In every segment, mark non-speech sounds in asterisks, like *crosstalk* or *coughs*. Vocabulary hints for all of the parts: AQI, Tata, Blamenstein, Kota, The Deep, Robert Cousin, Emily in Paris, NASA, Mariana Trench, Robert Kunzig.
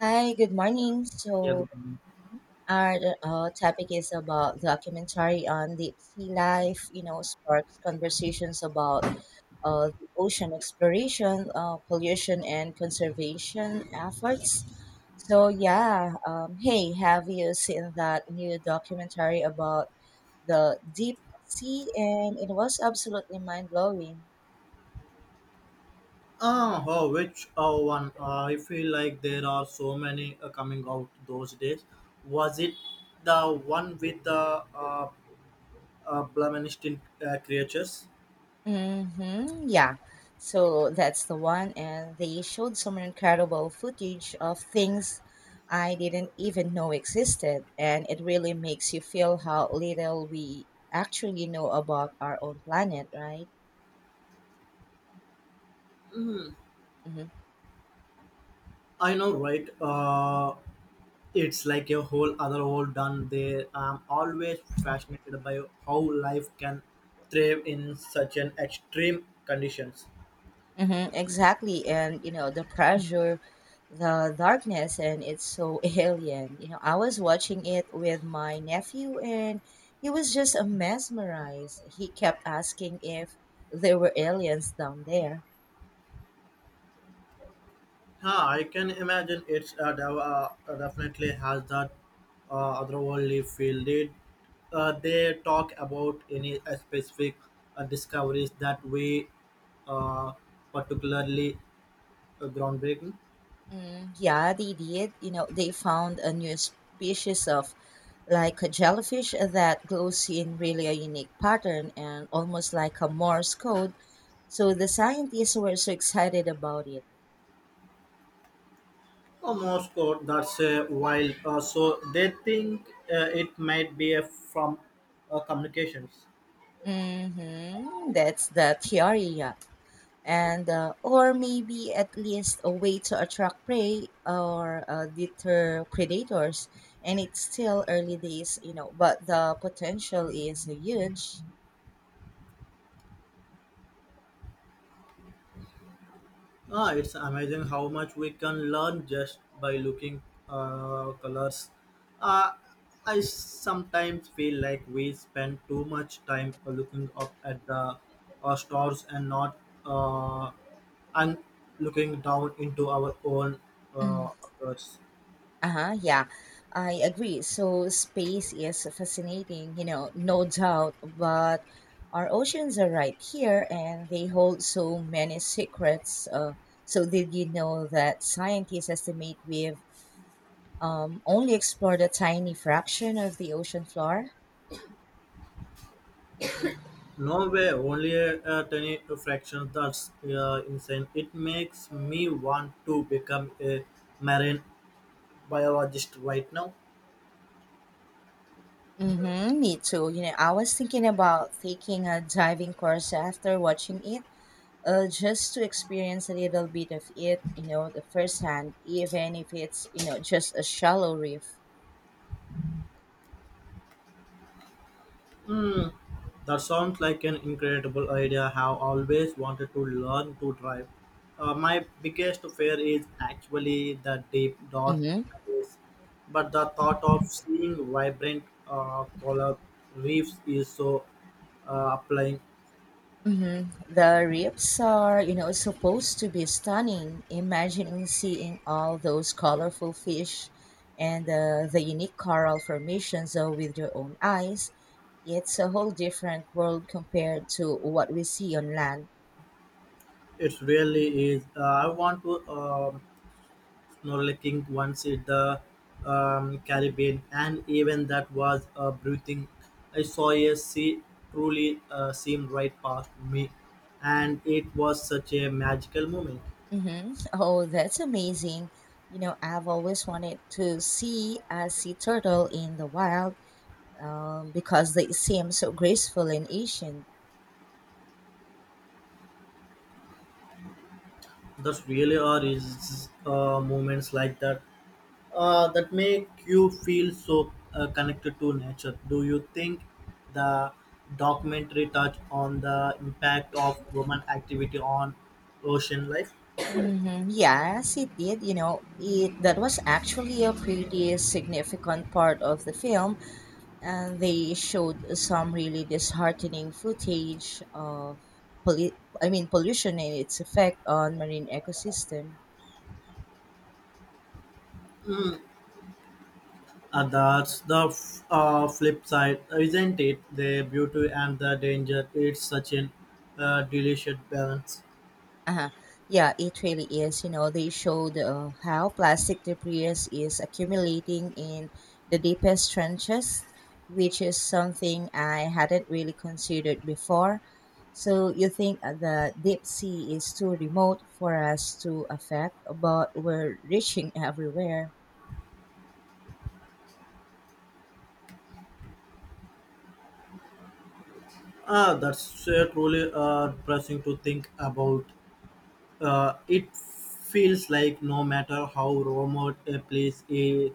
Hi, good morning. Yeah, good morning. Our topic is about documentary on deep sea life, you know, sparks conversations about the ocean exploration, pollution, and conservation efforts. Hey, have you seen that new documentary about the deep sea? And it was absolutely mind blowing. Ah, oh, which One? I feel like there are so many coming out those days. Was it the one with the uh, Blamenstein creatures? Mm-hmm. Yeah. So that's the one. And they showed some incredible footage of things I didn't even know existed. And it really makes you feel how little we actually know about our own planet, right? Mm-hmm. I know, right? It's like a whole other world done there. I'm always fascinated by how life can thrive in such an extreme conditions. Mm-hmm. Exactly. And, you know, the pressure the darkness and it's so *laughs* alien. You know, I was watching it with my nephew and he was just mesmerized. He kept asking if there were aliens down there. Yeah, I can imagine it's definitely has that otherworldly feel. Did they talk about any specific discoveries that we uh, particularly groundbreaking? Yeah, they did. You know, they found a new species of like a jellyfish that glows in really a unique pattern and almost like a Morse code. So the scientists were so excited about it. Almost got that's a while. So they think it might be from communications. Mm-hmm. That's the theory, yeah. And or maybe at least a way to attract prey or deter predators, and it's still early days, you know, but the potential is huge. Ah, it's amazing how much we can learn just by looking colors. Uh, I sometimes feel like we spend too much time looking up at the stars and not uh, and looking down into our own Mm. Occurs. Uh-huh, yeah, I agree. So space is fascinating, you know, no doubt, but our oceans are right here and they hold so many secrets. So did you know that scientists estimate we've only explored a tiny fraction of the ocean floor? No way, only a tiny fraction that's insane. It makes me want to become a marine biologist right now. Mm-hmm, me too. You know, I was thinking about taking a diving course after watching it, just to experience a little bit of it, you know, the firsthand, even if it's, you know, just a shallow reef. Hmm. That sounds like an incredible idea. Have always wanted to learn to drive. My biggest fear is actually the deep dark Mm-hmm. abyss, but the thought of seeing vibrant color reefs is so applying. Mm-hmm. The reefs are, you know, supposed to be stunning. Imagining seeing all those colorful fish and the unique coral formations with your own eyes, it's a whole different world compared to what we see on land. It really is. I want to. Norlacking once in the Caribbean, and even that was a breathing. I saw a sea truly seemed right past me, and it was such a magical moment. Hmm. Oh, that's amazing. You know, I've always wanted to see a sea turtle in the wild because they seem so graceful and ancient. Thus, really are is moments like that that make you feel so connected to nature. Do you think the documentary touch on the impact of woman activity on ocean life? Mm-hmm. Yes, it did. You know, it that was actually a pretty significant part of the film, and they showed some really disheartening footage of poli- pollution and its effect on marine ecosystem. And that's the flip side, isn't it? The beauty and the danger. It's such an delicious balance. Uh-huh. Yeah, it really is. You know, they showed how plastic debris is accumulating in the deepest trenches, which is something I hadn't really considered before. So you think the deep sea is too remote for us to affect, but we're reaching *laughs* everywhere. Ah, that's truly depressing to think about. It feels like no matter how remote a place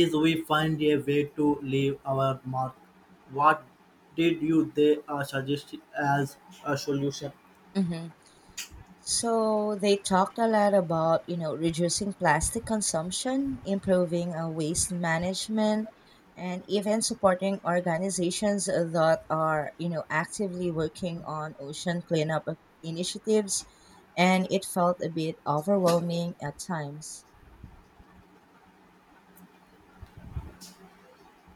is, we find a way to leave our mark. What did you they suggest as a solution? Mm-hmm. So they talked a lot about, you know, reducing plastic consumption, improving waste management, and even supporting organizations that are, you know, actively working on ocean cleanup initiatives. And it felt a bit overwhelming at times.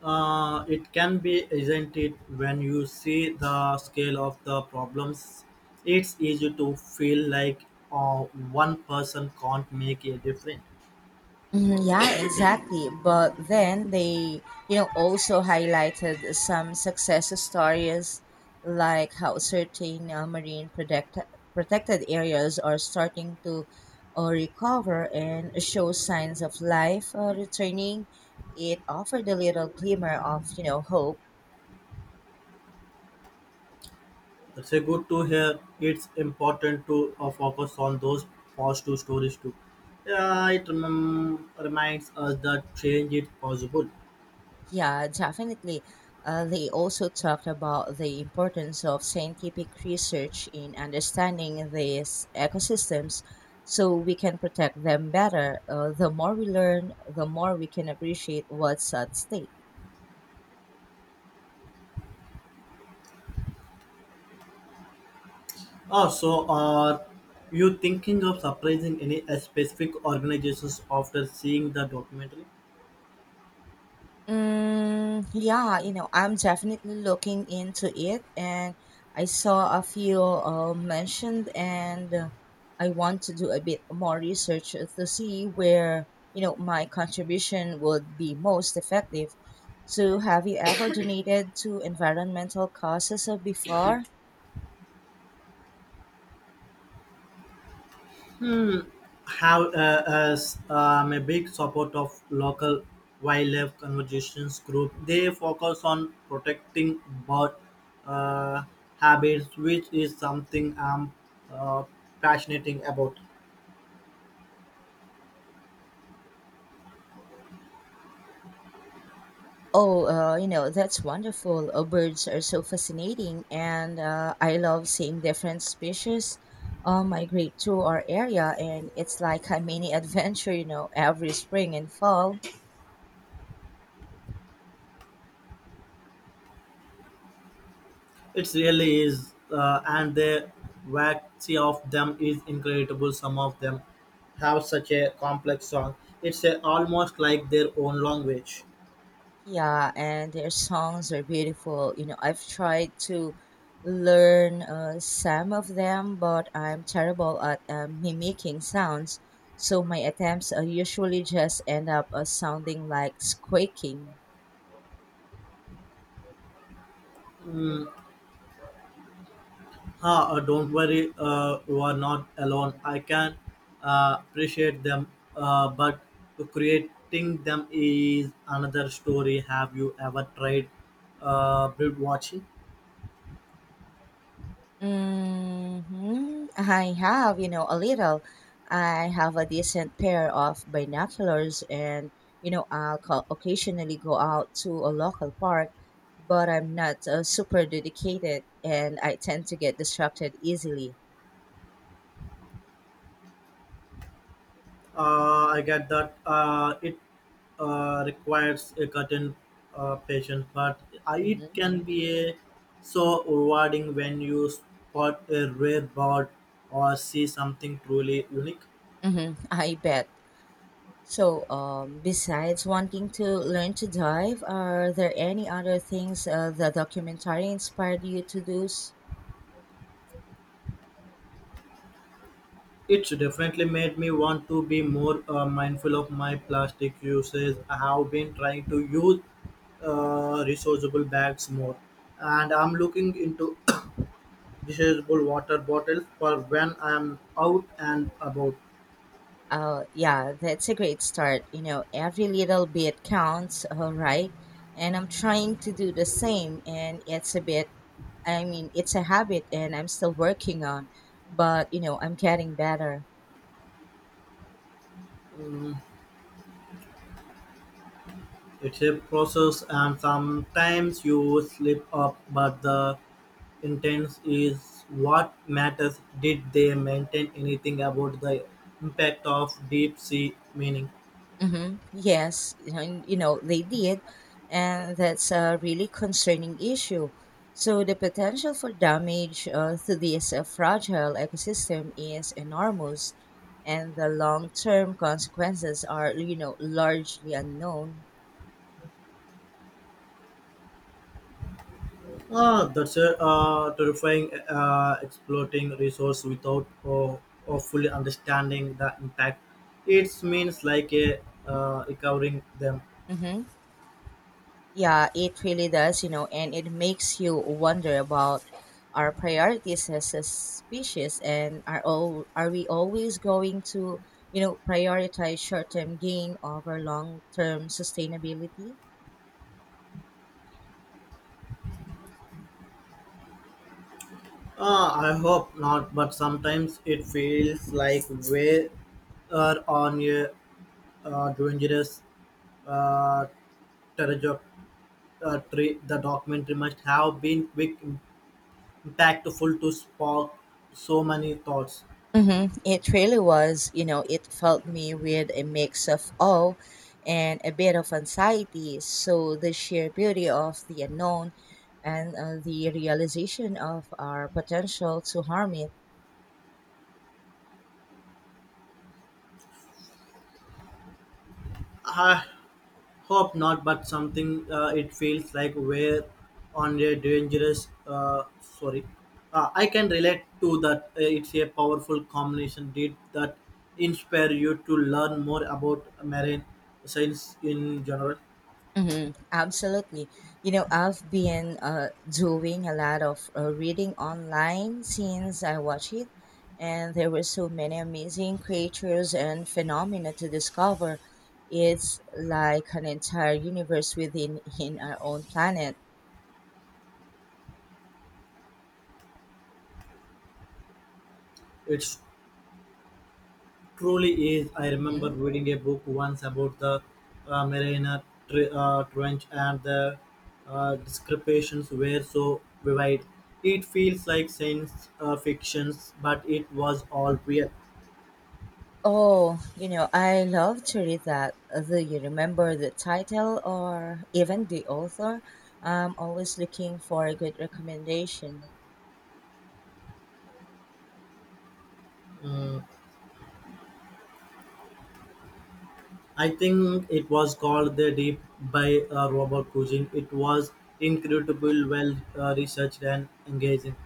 It can be, isn't it? When you see the scale of the problems, it's easy to feel like uh, one person can't make a difference. Mhm, yeah, exactly. But then they, you know, also highlighted some success stories, like how certain protected areas are starting to recover and show signs of life returning. It offered a little glimmer of, you know, hope. It's a good to hear. It's important to focus on those positive stories too. Yeah, it reminds us that change is possible. Yeah, definitely. They also talked about the importance of scientific research in understanding these ecosystems so we can protect them better. The more we learn, the more we can appreciate what's at stake. Oh, so are you thinking of surprising any specific organizations after seeing the documentary? Yeah, you know, I'm definitely looking into it, and I saw a few mentioned, and I want to do a bit more research to see where, you know, my contribution would be most effective. So, have you ever *coughs* donated to environmental causes before? Hmm. Have as I'm a big support of local wildlife conservations group. They focus on protecting bird uh, habits, which is something I'm uh, passionate about. Oh, you know, that's wonderful. Birds are so fascinating, and I love seeing different species migrate through our area. And it's like a mini adventure, you know, every spring and fall. It really is, and the variety of them is incredible. Some of them have such a complex song. It's a, almost like their own language. Yeah, and their songs are beautiful. You know, I've tried to learn some of them, but I'm terrible at mimicking sounds. So my attempts usually just end up sounding like squeaking. Don't worry, you are not alone. I can appreciate them, but creating them is another story. Have you ever tried bird watching? Hmm. I have, you know, a little. I have a decent pair of binoculars, and, you know, I'll occasionally go out to a local park, but I'm not super dedicated, and I tend to get distracted easily. I get that it requires a certain patience, but it Mm-hmm. can be so rewarding when you spot a rare bird or see something truly unique. Mm-hmm. I bet. Besides wanting to learn to dive, are there any other things the documentary inspired you to do? It's definitely made me want to be more mindful of my plastic usage. I have been trying to use reusable bags more, and I'm looking into *coughs* reusable water bottles for when I'm out and about. Oh, yeah, that's a great start. You know, every little bit counts, all right? And I'm trying to do the same, and it's a bit, I mean, it's a habit, and I'm still working on, but, you know, I'm getting better. Mm, it's a process, and sometimes you slip up, but the intent is what matters. Did they maintain anything about the impact of deep sea Meaning. Hmm. Yes, you know, and you know they did, and that's a really concerning issue. So the potential for damage to this fragile ecosystem is enormous, and the long-term consequences are, you know, largely unknown. Ah, that's a terrifying exploiting resource without of fully understanding the impact. It means like a recovering them. Mm-hmm. Yeah, it really does, you know, and it makes you wonder about our priorities as a species. And are all Are we always going to, you know, prioritize short-term gain over long-term sustainability? Ah, I hope not, but sometimes it feels like we are on a dangerous uh, trajectory. The documentary must have been quick, impactful to spark so many thoughts. Mm-hmm. It really was, you know, it felt me with a mix of awe and a bit of anxiety. So the sheer beauty of the unknown and the realization of our potential to harm it. Ah, Hope not, but something it feels like we're on a dangerous. Sorry, I can relate to that. It's a powerful combination. Did that inspire you to learn more about marine science in general? Mm-hmm. Absolutely. You know, I've been doing a lot of reading online since I watched it, and there were so many amazing creatures and phenomena to discover. It's like an entire universe within in our own planet. It's Truly is. I remember Hmm. reading a book once about the Mariana Trench and the descriptions were so vivid. It feels like science fiction, but it was all real. Oh, you know, I love to read that. Do you remember the title or even the author? I'm always looking for a good recommendation. Mm, I think it was called The Deep by Robert Cousin. It was incredible, well researched, and engaging.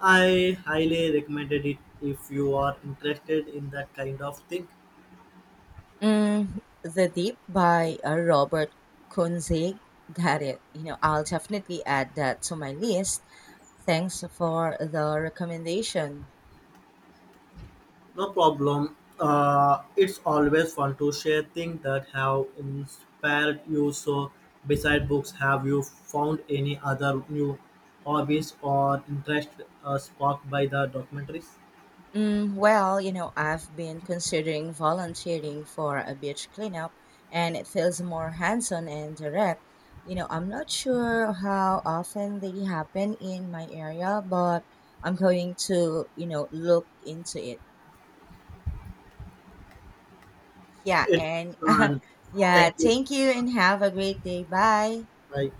I highly recommended it if you are interested in that kind of thing. The Deep by Robert Kunzig. Got it. You know, I'll definitely add that to my list. Thanks for the recommendation. No problem. It's always fun to share things that have inspired you. So, besides books, have you found any other new hobbies or interest sparked by the documentaries? Well, you know, I've been considering volunteering for a beach cleanup, and it feels more hands-on and direct. You know, I'm not sure how often they happen in my area, but I'm going to, you know, look into it. Yeah, It and *laughs* and yeah, thank you. thank you and have a great day. Bye. Bye.